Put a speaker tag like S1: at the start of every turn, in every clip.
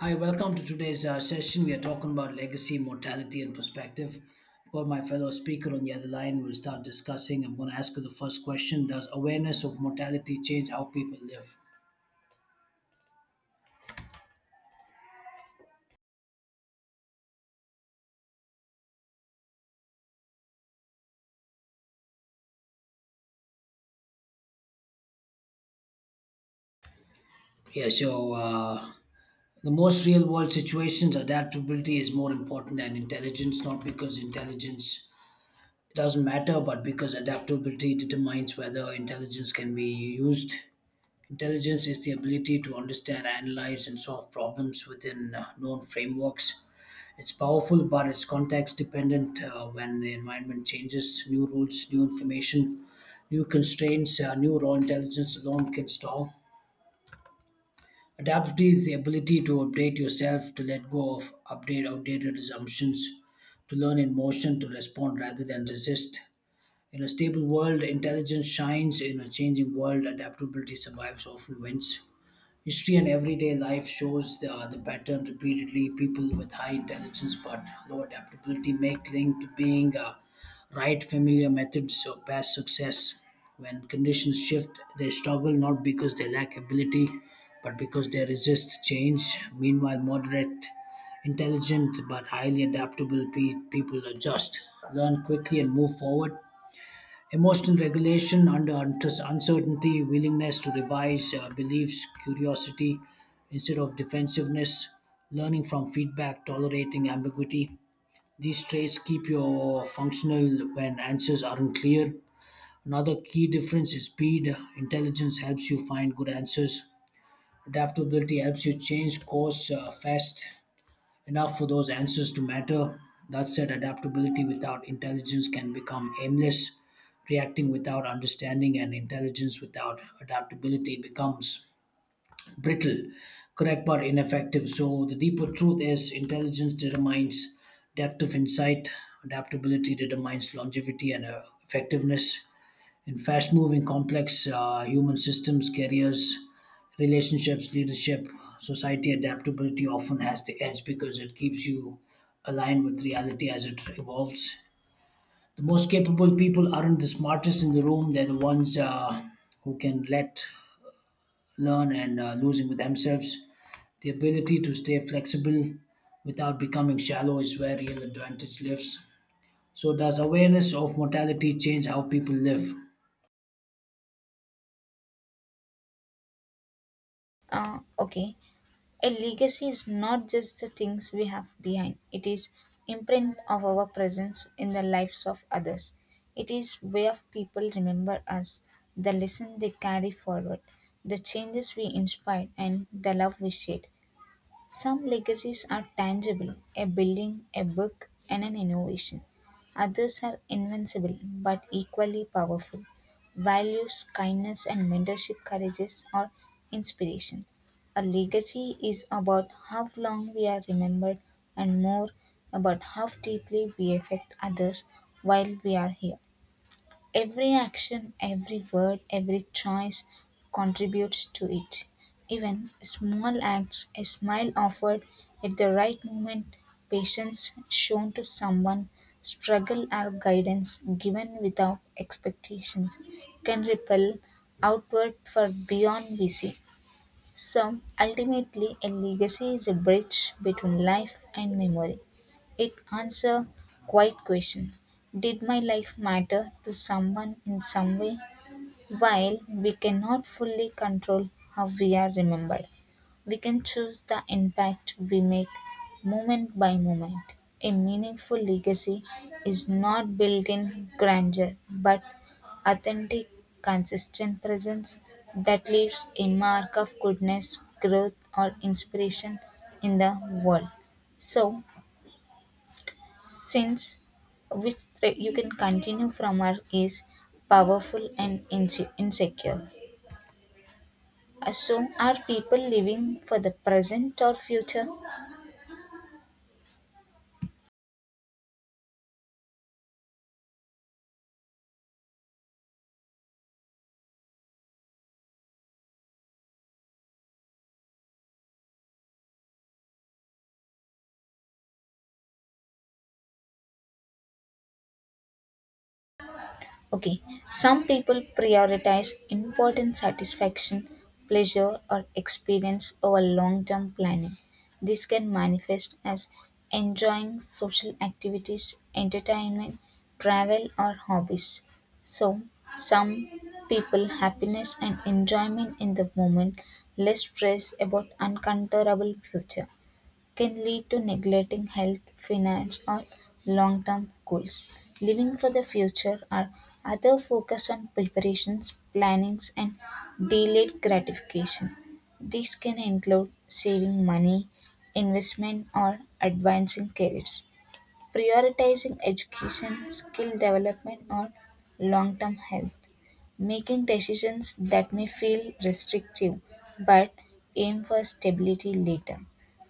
S1: Hi, welcome to today's session. We are talking about legacy, mortality, and perspective. I've got my fellow speaker on the other line. We'll start discussing. I'm going to ask you the first question. Does awareness of mortality change how people live? Yeah, the most real world situations, adaptability is more important than intelligence, not because intelligence doesn't matter, but because adaptability determines whether intelligence can be used. Intelligence is the ability to understand, analyze, and solve problems within known frameworks. It's powerful, but it's context dependent. When the environment changes, new rules, new information, new constraints, new raw intelligence alone can stall. Adaptability is the ability to update yourself, to let go of update outdated assumptions, to learn in motion, to respond rather than resist. In a stable world, intelligence shines. In a changing world, adaptability survives, often wins. History and everyday life shows the pattern repeatedly. People with high intelligence but low adaptability may cling to being right familiar methods of past success. When conditions shift, they struggle not because they lack ability, but because they resist change. Meanwhile, moderate, intelligent, but highly adaptable people adjust, learn quickly, and move forward. Emotional regulation under uncertainty, willingness to revise beliefs, curiosity instead of defensiveness, learning from feedback, tolerating ambiguity. These traits keep you functional when answers aren't clear. Another key difference is speed. Intelligence helps you find good answers. Adaptability helps you change course fast enough for those answers to matter. That said, adaptability without intelligence can become aimless. Reacting without understanding and intelligence without adaptability becomes brittle, correct but ineffective. So, the deeper truth is intelligence determines depth of insight, adaptability determines longevity and effectiveness in fast moving, complex human systems, careers, relationships, leadership, society, adaptability often has the edge because it keeps you aligned with reality as it evolves. The most capable people aren't the smartest in the room, they're the ones who can let, learn, and losing with themselves. The ability to stay flexible without becoming shallow is where real advantage lives. So, does awareness of mortality change how people live?
S2: Uh, okay. A legacy is not just the things we have behind. It is imprint of our presence in the lives of others. It is way of people remember us, the lesson they carry forward, the changes we inspired and the love we shared. Some legacies are tangible a building, a book, and an innovation. Others are invincible but equally powerful. Values, kindness, and mentorship courages are inspiration. A legacy is about how long we are remembered and more about how deeply we affect others while we are here. Every action, every word, every choice contributes to it. Even small acts, a smile offered at the right moment, patience shown to someone, struggle or guidance given without expectations can ripple outward for beyond we see. So ultimately, a legacy is a bridge between life and memory. It answers quite question: did my life matter to someone in some way? While we cannot fully control how we are remembered, we can choose the impact we make moment by moment. A meaningful legacy is not built in grandeur but authentic, consistent presence that leaves a mark of goodness, growth, or inspiration in the world. So, since which thread you can continue from our is powerful and insecure. So, are people living for the present or future? Okay, some people prioritize important satisfaction, pleasure, or experience over long term planning. This can manifest as enjoying social activities, entertainment, travel, or hobbies. So, some people happiness and enjoyment in the moment, less stress about uncontrollable future. Can lead to neglecting health, finance, or long term goals. Living for the future or other focus on preparations, plannings, and delayed gratification. These can include saving money, investment, or advancing careers prioritizing education, skill development, or long term health, making decisions that may feel restrictive but aim for stability later.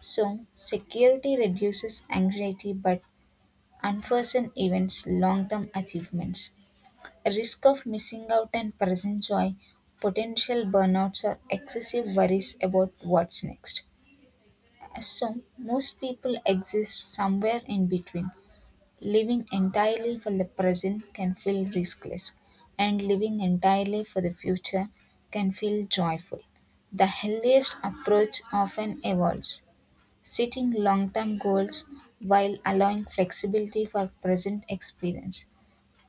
S2: So, security reduces anxiety but unforeseen events, long term achievements, risk of missing out, and present joy, potential burnouts, or excessive worries about what's next. So, most people exist somewhere in between. Living entirely for the present can feel riskless, and living entirely for the future can feel joyful. The healthiest approach often evolves, setting long term goals while allowing flexibility for present experience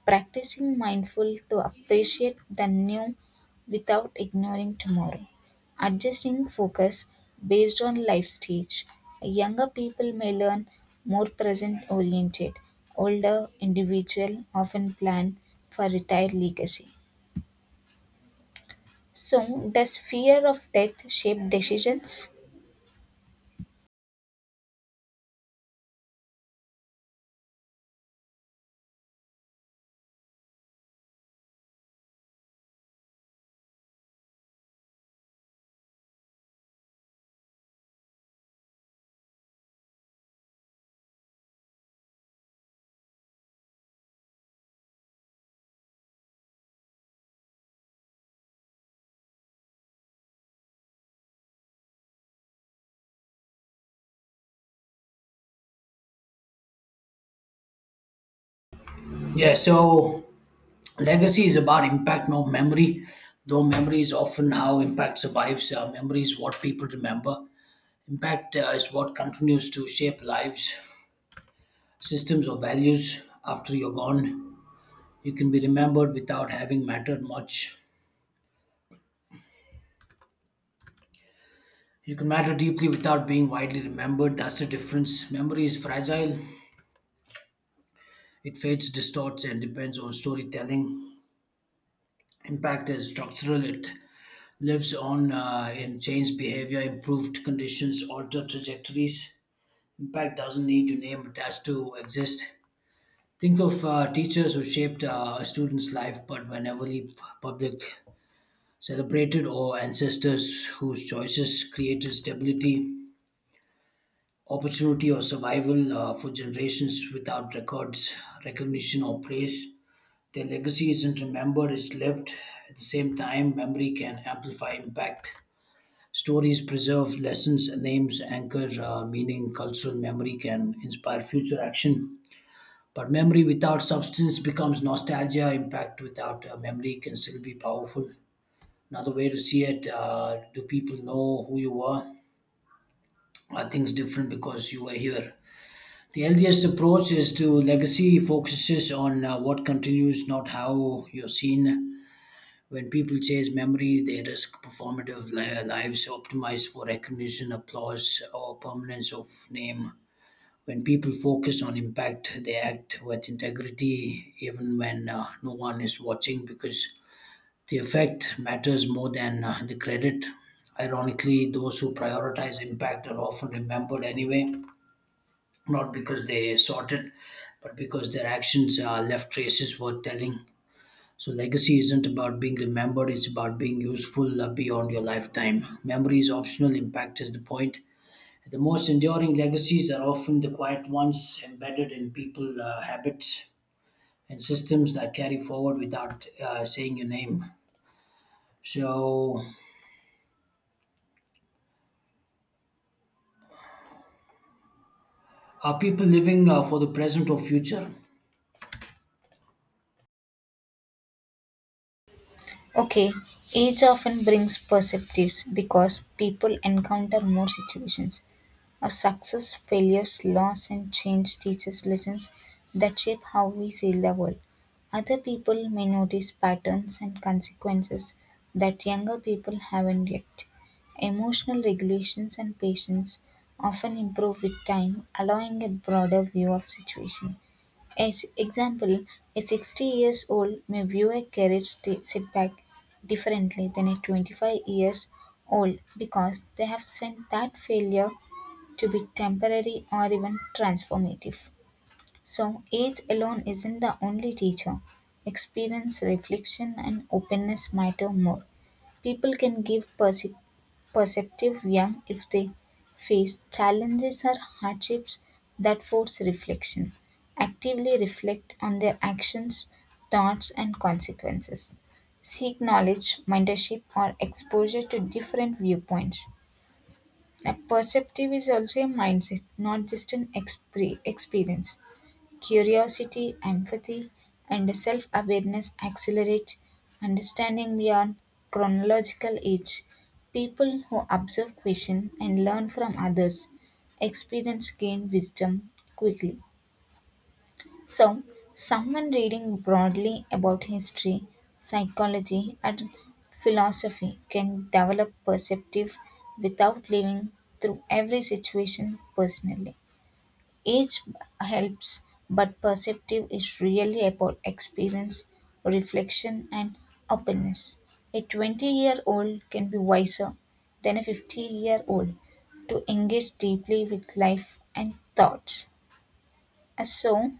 S2: practicing mindful to appreciate the new without ignoring tomorrow adjusting focus based on life stage younger people may learn more present oriented older individual often plan for retired legacy. So, does fear of death shape decisions?
S1: Yeah, so legacy is about impact, not memory, though memory is often how impact survives. Memory is what people remember. Impact is what continues to shape lives, systems, or values after you're gone. You can be remembered without having mattered much. You can matter deeply without being widely remembered. That's the difference. Memory is fragile, it fades, distorts, and depends on storytelling. Impact is structural, it lives on in changed behavior, improved conditions, altered trajectories. Impact doesn't need a name, it has to exist. Think of teachers who shaped a student's life but were never really public, celebrated, or ancestors whose choices created stability, opportunity, or survival for generations without records, recognition, or praise. Their legacy isn't remembered, it's lived. At the same time, memory can amplify impact. Stories preserve lessons, names anchor meaning, cultural memory can inspire future action. But memory without substance becomes nostalgia. Impact without memory can still be powerful. Another way to see it. Do people know who you were? Are things different because you were here? The healthiest approach is to legacy focuses on what continues, not how you're seen. When people chase memory, they risk performative lives optimized for recognition, applause, or permanence of name. When people focus on impact, they act with integrity even when no one is watching because the effect matters more than the credit. Ironically, those who prioritize impact are often remembered anyway, not because they sought it, but because their actions left traces worth telling. So, legacy isn't about being remembered, it's about being useful beyond your lifetime. Memory is optional, impact is the point. The most enduring legacies are often the quiet ones embedded in people, habits, and systems that carry forward without saying your name. So, are people living for the present or future?
S2: Okay, age often brings perspectives because people encounter more situations. Our success, failures, loss and change teach us lessons that shape how we see the world. Other people may notice patterns and consequences that younger people haven't yet. Emotional regulations and patience often improve with time, allowing a broader view of situation. As example, a 60 years old may view a career setback differently than a 25 years old because they have seen that failure to be temporary or even transformative. So, age alone isn't the only teacher. Experience, reflection, and openness matter more. People can give perceptive young if they face challenges or hardships that force reflection, actively reflect on their actions, thoughts, and consequences. Seek knowledge, mentorship, or exposure to different viewpoints now, perceptive is also a mindset, not just an experience. Curiosity, empathy, and self awareness accelerate understanding beyond chronological age. People who observe, question, and learn from others experience gain wisdom quickly. So, someone reading broadly about history, psychology, and philosophy can develop perceptive without living through every situation personally. Age helps, but perceptive is really about experience, reflection, and openness. A 20-year-old can be wiser than a 50-year-old to engage deeply with life and thoughts. So,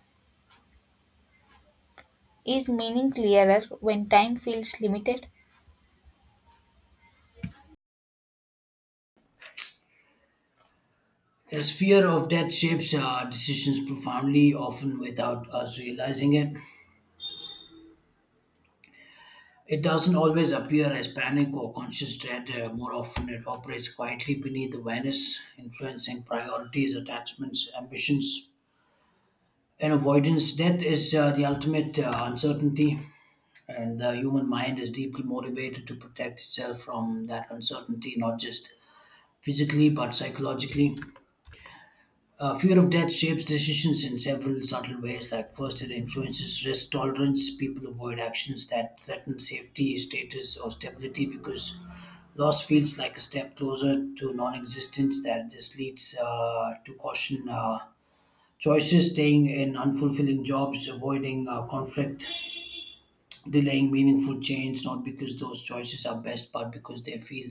S2: is meaning clearer when time feels limited?
S1: As fear of death shapes our decisions profoundly, often without us realizing it. It doesn't always appear as panic or conscious dread. More often, it operates quietly beneath awareness, influencing priorities, attachments, ambitions, and avoidance. Death is the ultimate uncertainty, and the human mind is deeply motivated to protect itself from that uncertainty, not just physically but psychologically. Fear of death shapes decisions in several subtle ways. Like first, it influences risk tolerance. People avoid actions that threaten safety, status, or stability because loss feels like a step closer to non-existence. That this leads to caution. Choices staying in unfulfilling jobs, avoiding conflict, delaying meaningful change, not because those choices are best, but because they feel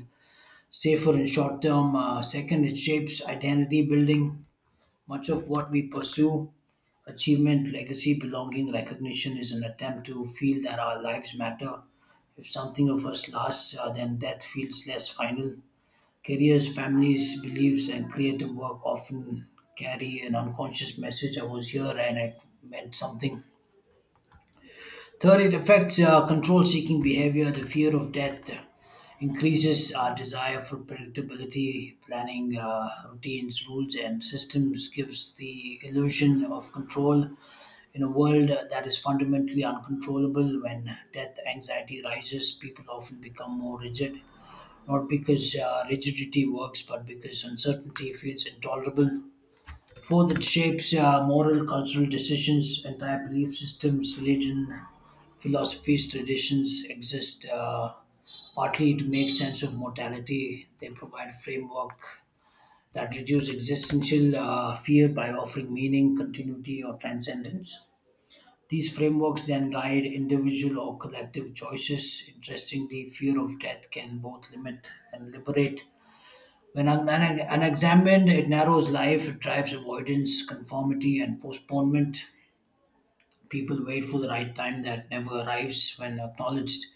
S1: safer in short term. Second, it shapes identity building. Much of what we pursue, achievement, legacy, belonging, recognition, is an attempt to feel that our lives matter. If something of us lasts, then death feels less final. Careers, families, beliefs, and creative work often carry an unconscious message I was here and it meant something. Third, it affects control seeking behavior, the fear of death. Increases our desire for predictability, planning routines, rules, and systems gives the illusion of control. In a world that is fundamentally uncontrollable, when death anxiety rises, people often become more rigid not because rigidity works, but because uncertainty feels intolerable. Fourth, it shapes moral, cultural decisions, entire belief systems, religion, philosophies, traditions exist. Partly to make sense of mortality, they provide framework that reduce existential fear by offering meaning, continuity, or transcendence. These frameworks then guide individual or collective choices. Interestingly, fear of death can both limit and liberate when unexamined, it narrows life, it drives avoidance, conformity, and postponement. People wait for the right time that never arrives. When acknowledged,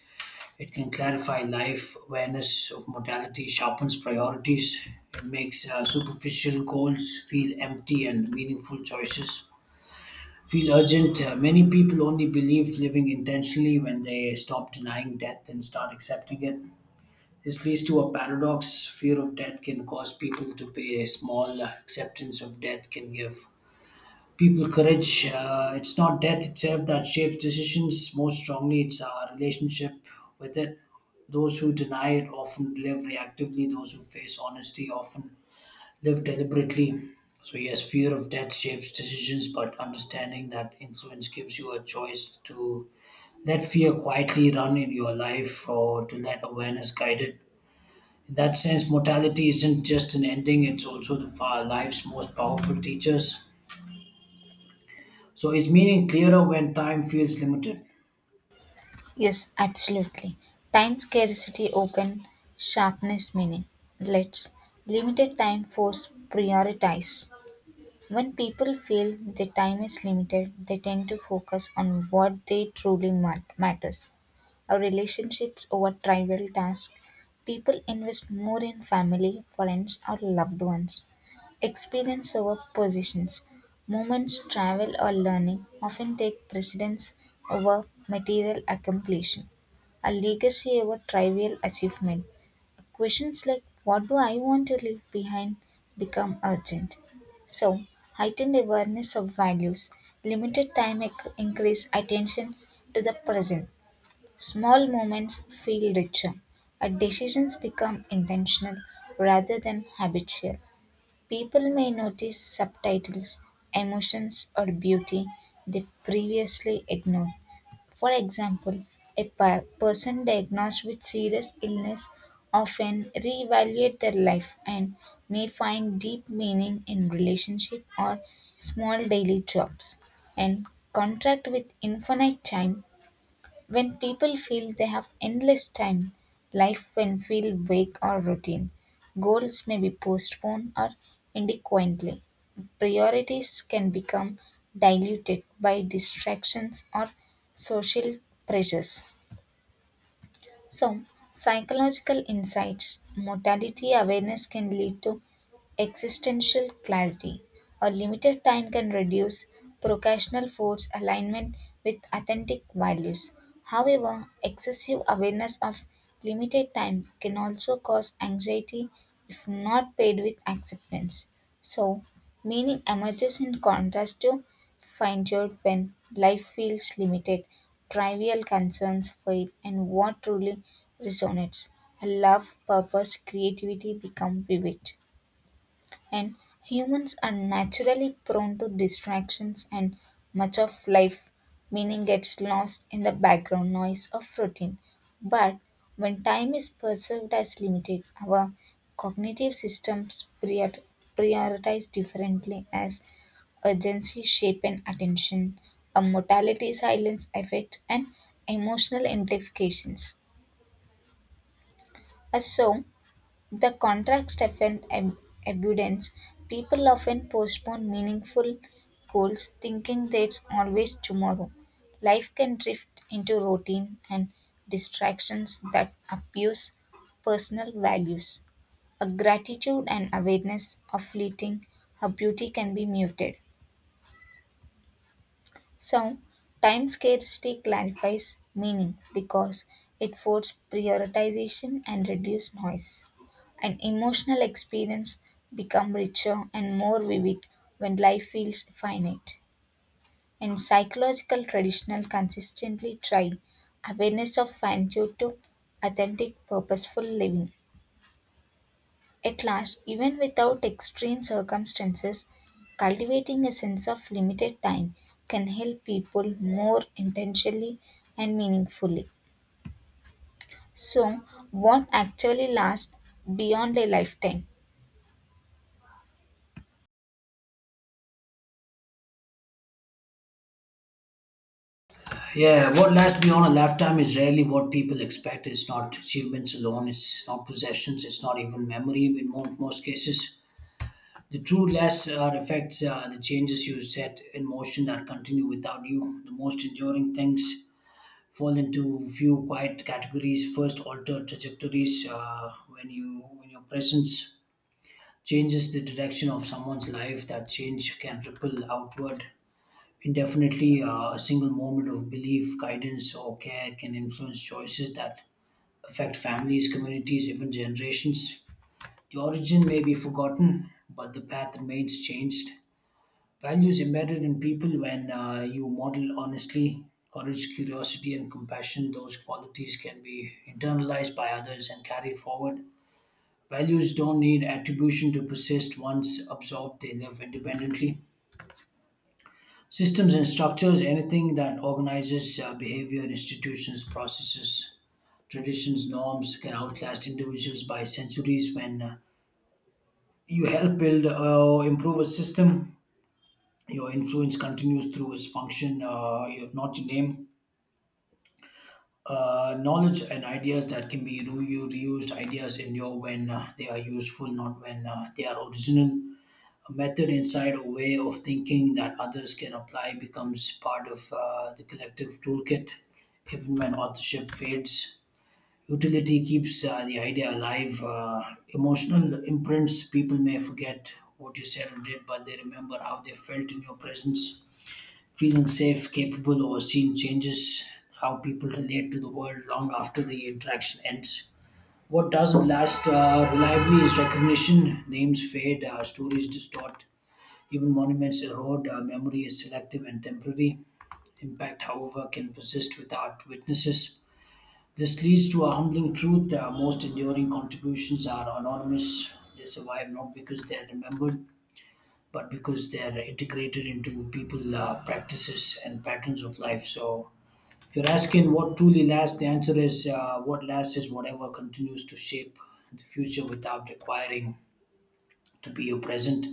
S1: it can clarify life. Awareness of mortality sharpens priorities. It makes superficial goals feel empty and meaningful choices feel urgent. Many people only believe living intentionally when they stop denying death and start accepting it. This leads to a paradox. Fear of death can cause people to pay small. Acceptance of death can give people courage. It's not death itself that shapes decisions most strongly, it's our relationship with it. Those who deny it often live reactively, those who face honesty often live deliberately. So, yes, fear of death shapes decisions, but understanding that influence gives you a choice to let fear quietly run in your life or to let awareness guide it. In that sense, mortality isn't just an ending, it's also the far life's most powerful teachers. So it's meaning clearer when time feels limited.
S2: Yes, absolutely. Time scarcity open sharpness meaning. Let's limited time force prioritize. When people feel their time is limited, they tend to focus on what they truly matters. Or relationships over trivial tasks. People invest more in family, friends, or loved ones. Experience over positions. Moments, travel, or learning often take precedence over material accomplishment. A legacy over trivial achievement. Questions like what do I want to leave behind become urgent. So, heightened awareness of values, limited time increase attention to the present. Small moments feel richer, and decisions become intentional rather than habitual. People may notice subtitles, emotions, or beauty they previously ignored. For example, a person diagnosed with serious illness often reevaluate their life and may find deep meaning in relationship or small daily jobs and contract with infinite time when people feel they have endless time, life can feel vague or routine. Goals may be postponed or indefinitely. Priorities can become diluted by distractions or social pressures. So, psychological insights, mortality awareness can lead to existential clarity. A limited time can reduce procrastinal force alignment with authentic values. However, excessive awareness of limited time can also cause anxiety if not paid with acceptance. So, meaning emerges in contrast to finitude when life feels limited, trivial concerns fade, and what truly resonates. Love, purpose, creativity become vivid. And humans are naturally prone to distractions, and much of life meaning gets lost in the background noise of routine. But when time is perceived as limited, our cognitive systems prioritize differently as urgency shape and attention, a mortality silence effect, and emotional amplifications. So, the contrast often abundance. People often postpone meaningful goals thinking that it's always tomorrow. Life can drift into routine and distractions that abuse personal values. A gratitude and awareness of fleeting, her beauty can be muted. So, time scarcity clarifies meaning because it forces prioritization and reduces noise. An emotional experience become richer and more vivid when life feels finite. And psychological traditional consistently try awareness of finitude to authentic purposeful living. At last, even without extreme circumstances, cultivating a sense of limited time can help people more intentionally and meaningfully. So, what actually lasts beyond a lifetime?
S1: Yeah, what lasts beyond a lifetime is rarely what people expect. It's not achievements alone, it's not possessions, it's not even memory in most cases. The true lasts are effects, the changes you set in motion that continue without you. The most enduring things fall into few quiet categories. First, alter trajectories when you when your presence changes the direction of someone's life. That change can ripple outward indefinitely. A single moment of belief, guidance, or care can influence choices that affect families, communities, even generations. The origin may be forgotten, but the path remains changed. Values embedded in people when you model honestly, courage, curiosity, and compassion, those qualities can be internalized by others and carried forward. Values don't need attribution to persist once absorbed, they live independently. Systems and structures, anything that organizes behavior, institutions, processes, traditions, norms, can outlast individuals by centuries. When you help build or improve a system, your influence continues through its function, not your name. Knowledge and ideas that can be reused, ideas endure when they are useful, not when they are original, a method inside a way of thinking that others can apply becomes part of the collective toolkit even when authorship fades, utility keeps the idea alive. Emotional imprints, people may forget what you said or did but they remember how they felt in your presence, feeling safe, capable, or seen changes how people relate to the world long after the interaction ends. What doesn't last reliably is recognition, names fade, stories distort, even monuments erode, memory is selective and temporary. Impact, however, can persist without witnesses. This leads to a humbling truth, most enduring contributions are anonymous. They survive not because they are remembered, but because they are integrated into people, practices, and patterns of life. So, if you're asking what truly lasts, the answer is what lasts is whatever continues to shape the future without requiring to be your present.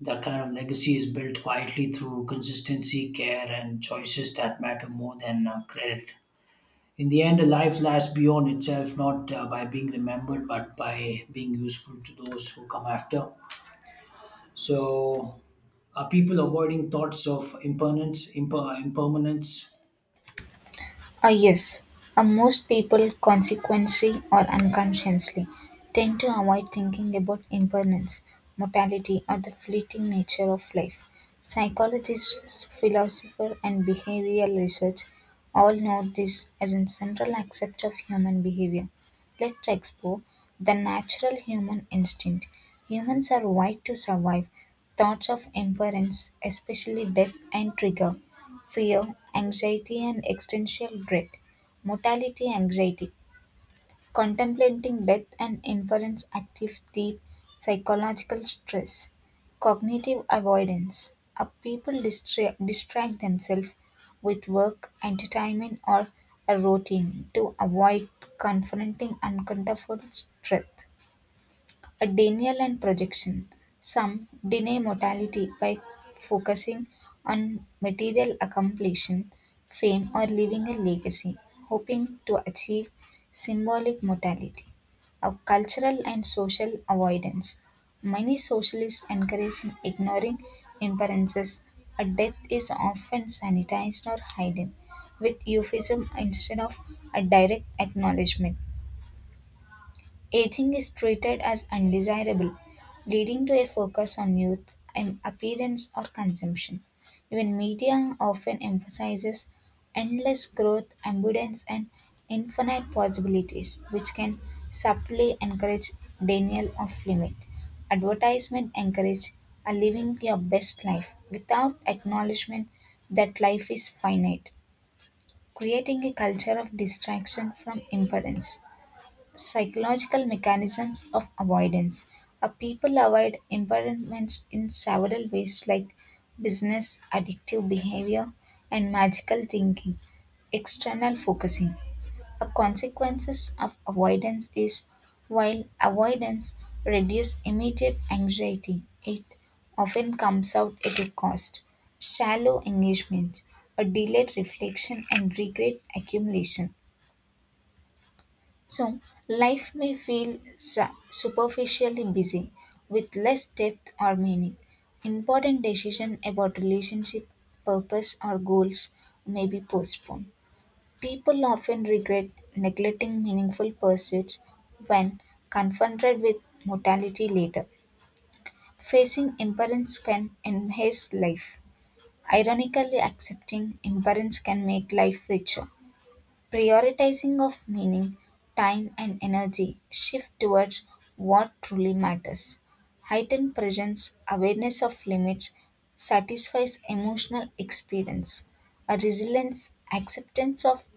S1: That kind of legacy is built quietly through consistency, care, and choices that matter more than credit. In the end, a life lasts beyond itself, not by being remembered, but by being useful to those who come after. So, are people avoiding thoughts of impermanence? Impermanence?
S2: Ah, yes, most people consequently or unconsciously tend to avoid thinking about impermanence, mortality, or the fleeting nature of life. Psychologists, philosophers, and behavioral research all note this as a central aspect of human behavior. Let's explore the natural human instinct. Humans are wired to survive. Thoughts of impermanence, especially death and trigger, fear, anxiety, and existential dread. Mortality anxiety. Contemplating death and inference active deep psychological stress. Cognitive avoidance. A people distract themselves with work, entertainment, or a routine to avoid confronting uncomfortable truth. A denial and projection. Some deny mortality by focusing on material accomplishment, fame, or leaving a legacy, hoping to achieve symbolic mortality. A cultural and social avoidance. Many socialists encourage ignoring imperances. A death is often sanitized or hidden with euphemism instead of a direct acknowledgement. Aging is treated as undesirable, leading to a focus on youth and appearance or consumption. Even media often emphasizes endless growth, abundance, and infinite possibilities, which can subtly encourage denial of limit. Advertisement encourage a living your best life without acknowledgement that life is finite, creating a culture of distraction from importance psychological mechanisms of avoidance. People avoid environments in several ways, like business, addictive behavior, and magical thinking, external focusing. A consequences of avoidance is while avoidance reduces immediate anxiety, it often comes out at a cost. Shallow engagement, a delayed reflection, and regret accumulation so, life may feel superficially busy with less depth or meaning. Important decisions about relationship, purpose, or goals may be postponed. People often regret neglecting meaningful pursuits when confronted with mortality later. Facing impermanence can enhance life. Ironically, accepting impermanence can make life richer prioritizing of meaning, time, and energy shift towards what truly matters. Heightened presence, awareness of limits, satisfies emotional experience. A resilience, acceptance of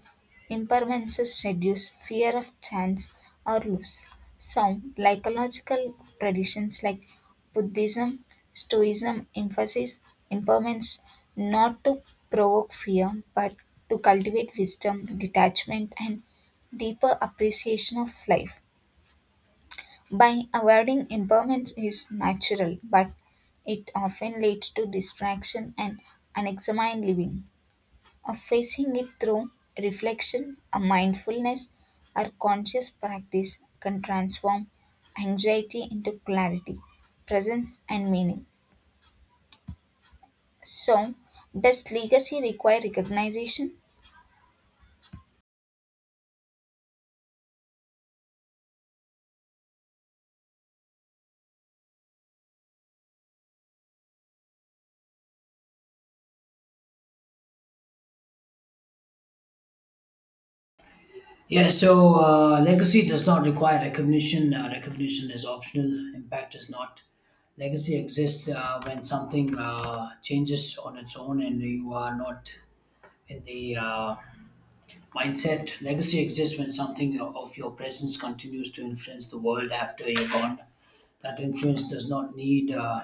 S2: impermanences reduce fear of chance or loss. Some psychological traditions like Buddhism, Stoicism emphasize impermanence not to provoke fear but to cultivate wisdom, detachment, and deeper appreciation of life. By avoiding impermanence is natural, but it often leads to distraction and unexamined living of facing it through reflection, a mindfulness, or conscious practice can transform anxiety into clarity, presence, and meaning. So, does legacy require recognition?
S1: Yeah, so legacy does not require recognition. Recognition is optional, impact is not. Legacy exists when something changes on its own and you are not in the mindset. Legacy exists when something of your presence continues to influence the world after you're gone. That influence does not need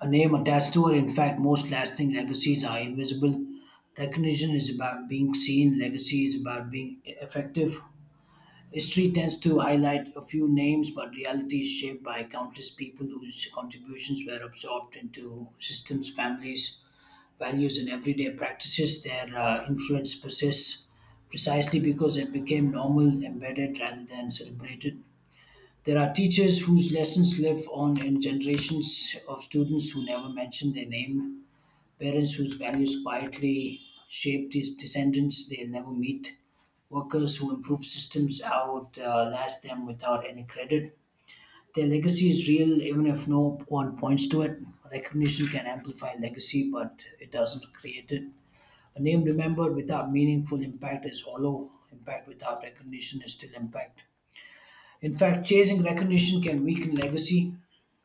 S1: a name attached to it. In fact, most lasting legacies are invisible. Recognition is about being seen, legacy is about being effective. History tends to highlight a few names, but reality is shaped by countless people whose contributions were absorbed into systems, families, values and everyday practices. Their influence persists precisely because it became normal, embedded rather than celebrated. There are teachers whose lessons live on in generations of students who never mention their name, parents whose values quietly shape these descendants they'll never meet, workers who improve systems outlast them without any credit. Their legacy is real even if no one points to it. Recognition can amplify legacy, but it doesn't create it. A name remembered without meaningful impact is hollow. Impact without recognition is still impact. In fact, chasing recognition can weaken legacy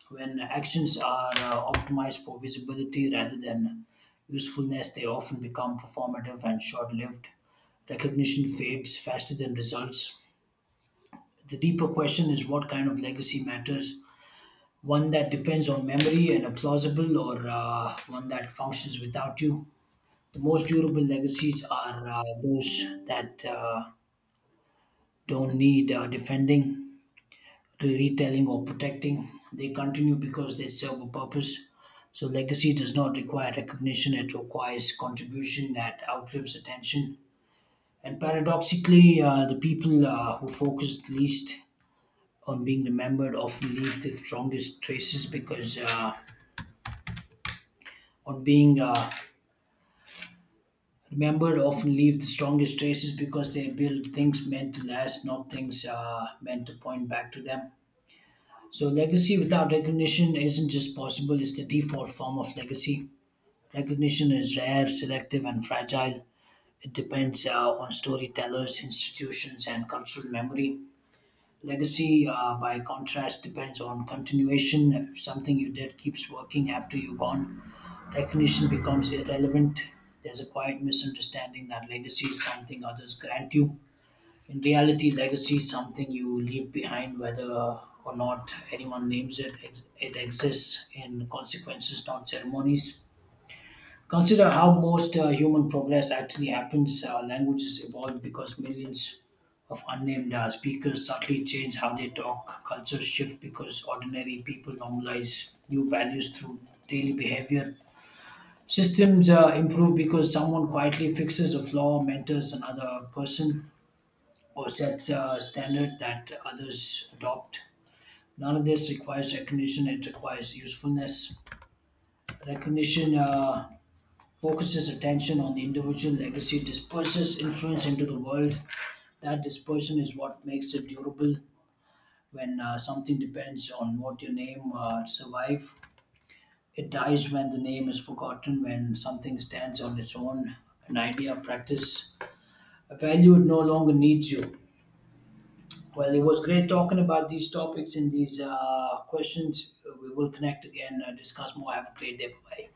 S1: when actions are optimized for visibility rather than usefulness. They often become performative and short lived. Recognition fades faster than results. The deeper question is, what kind of legacy matters? One that depends on memory and a plausible, or one that functions without you. The most durable legacies are those that don't need defending, retelling, or protecting. They continue because they serve a purpose. So, legacy does not require recognition, it requires contribution that outlives attention. And paradoxically, the people who focus least on being remembered often leave the strongest traces because on being remembered often leave the strongest traces because they build things meant to last, not things meant to point back to them. So, legacy without recognition isn't just possible, it's the default form of legacy. Recognition is rare, selective, and fragile. It depends on storytellers, institutions, and cultural memory. Legacy, by contrast, depends on continuation. If something you did keeps working after you're gone, recognition becomes irrelevant. There's a quiet misunderstanding that legacy is something others grant you. In reality, legacy is something you leave behind, whether or not anyone names it. It exists in consequences, not ceremonies. Consider how most human progress actually happens. Languages evolve because millions of unnamed speakers subtly change how they talk. Cultures shift because ordinary people normalize new values through daily behavior. Systems improve because someone quietly fixes a flaw, mentors another person, or sets a standard that others adopt. None of this requires recognition, it requires usefulness. Recognition focuses attention on the individual, legacy disperses influence into the world. That dispersion is what makes it durable. When something depends on what your name survive, it dies when the name is forgotten. When something stands on its own, an idea, practice, a value, it no longer needs you. Well, it was great talking about these topics and these questions. We will connect again, discuss more. Have a great day. Bye bye.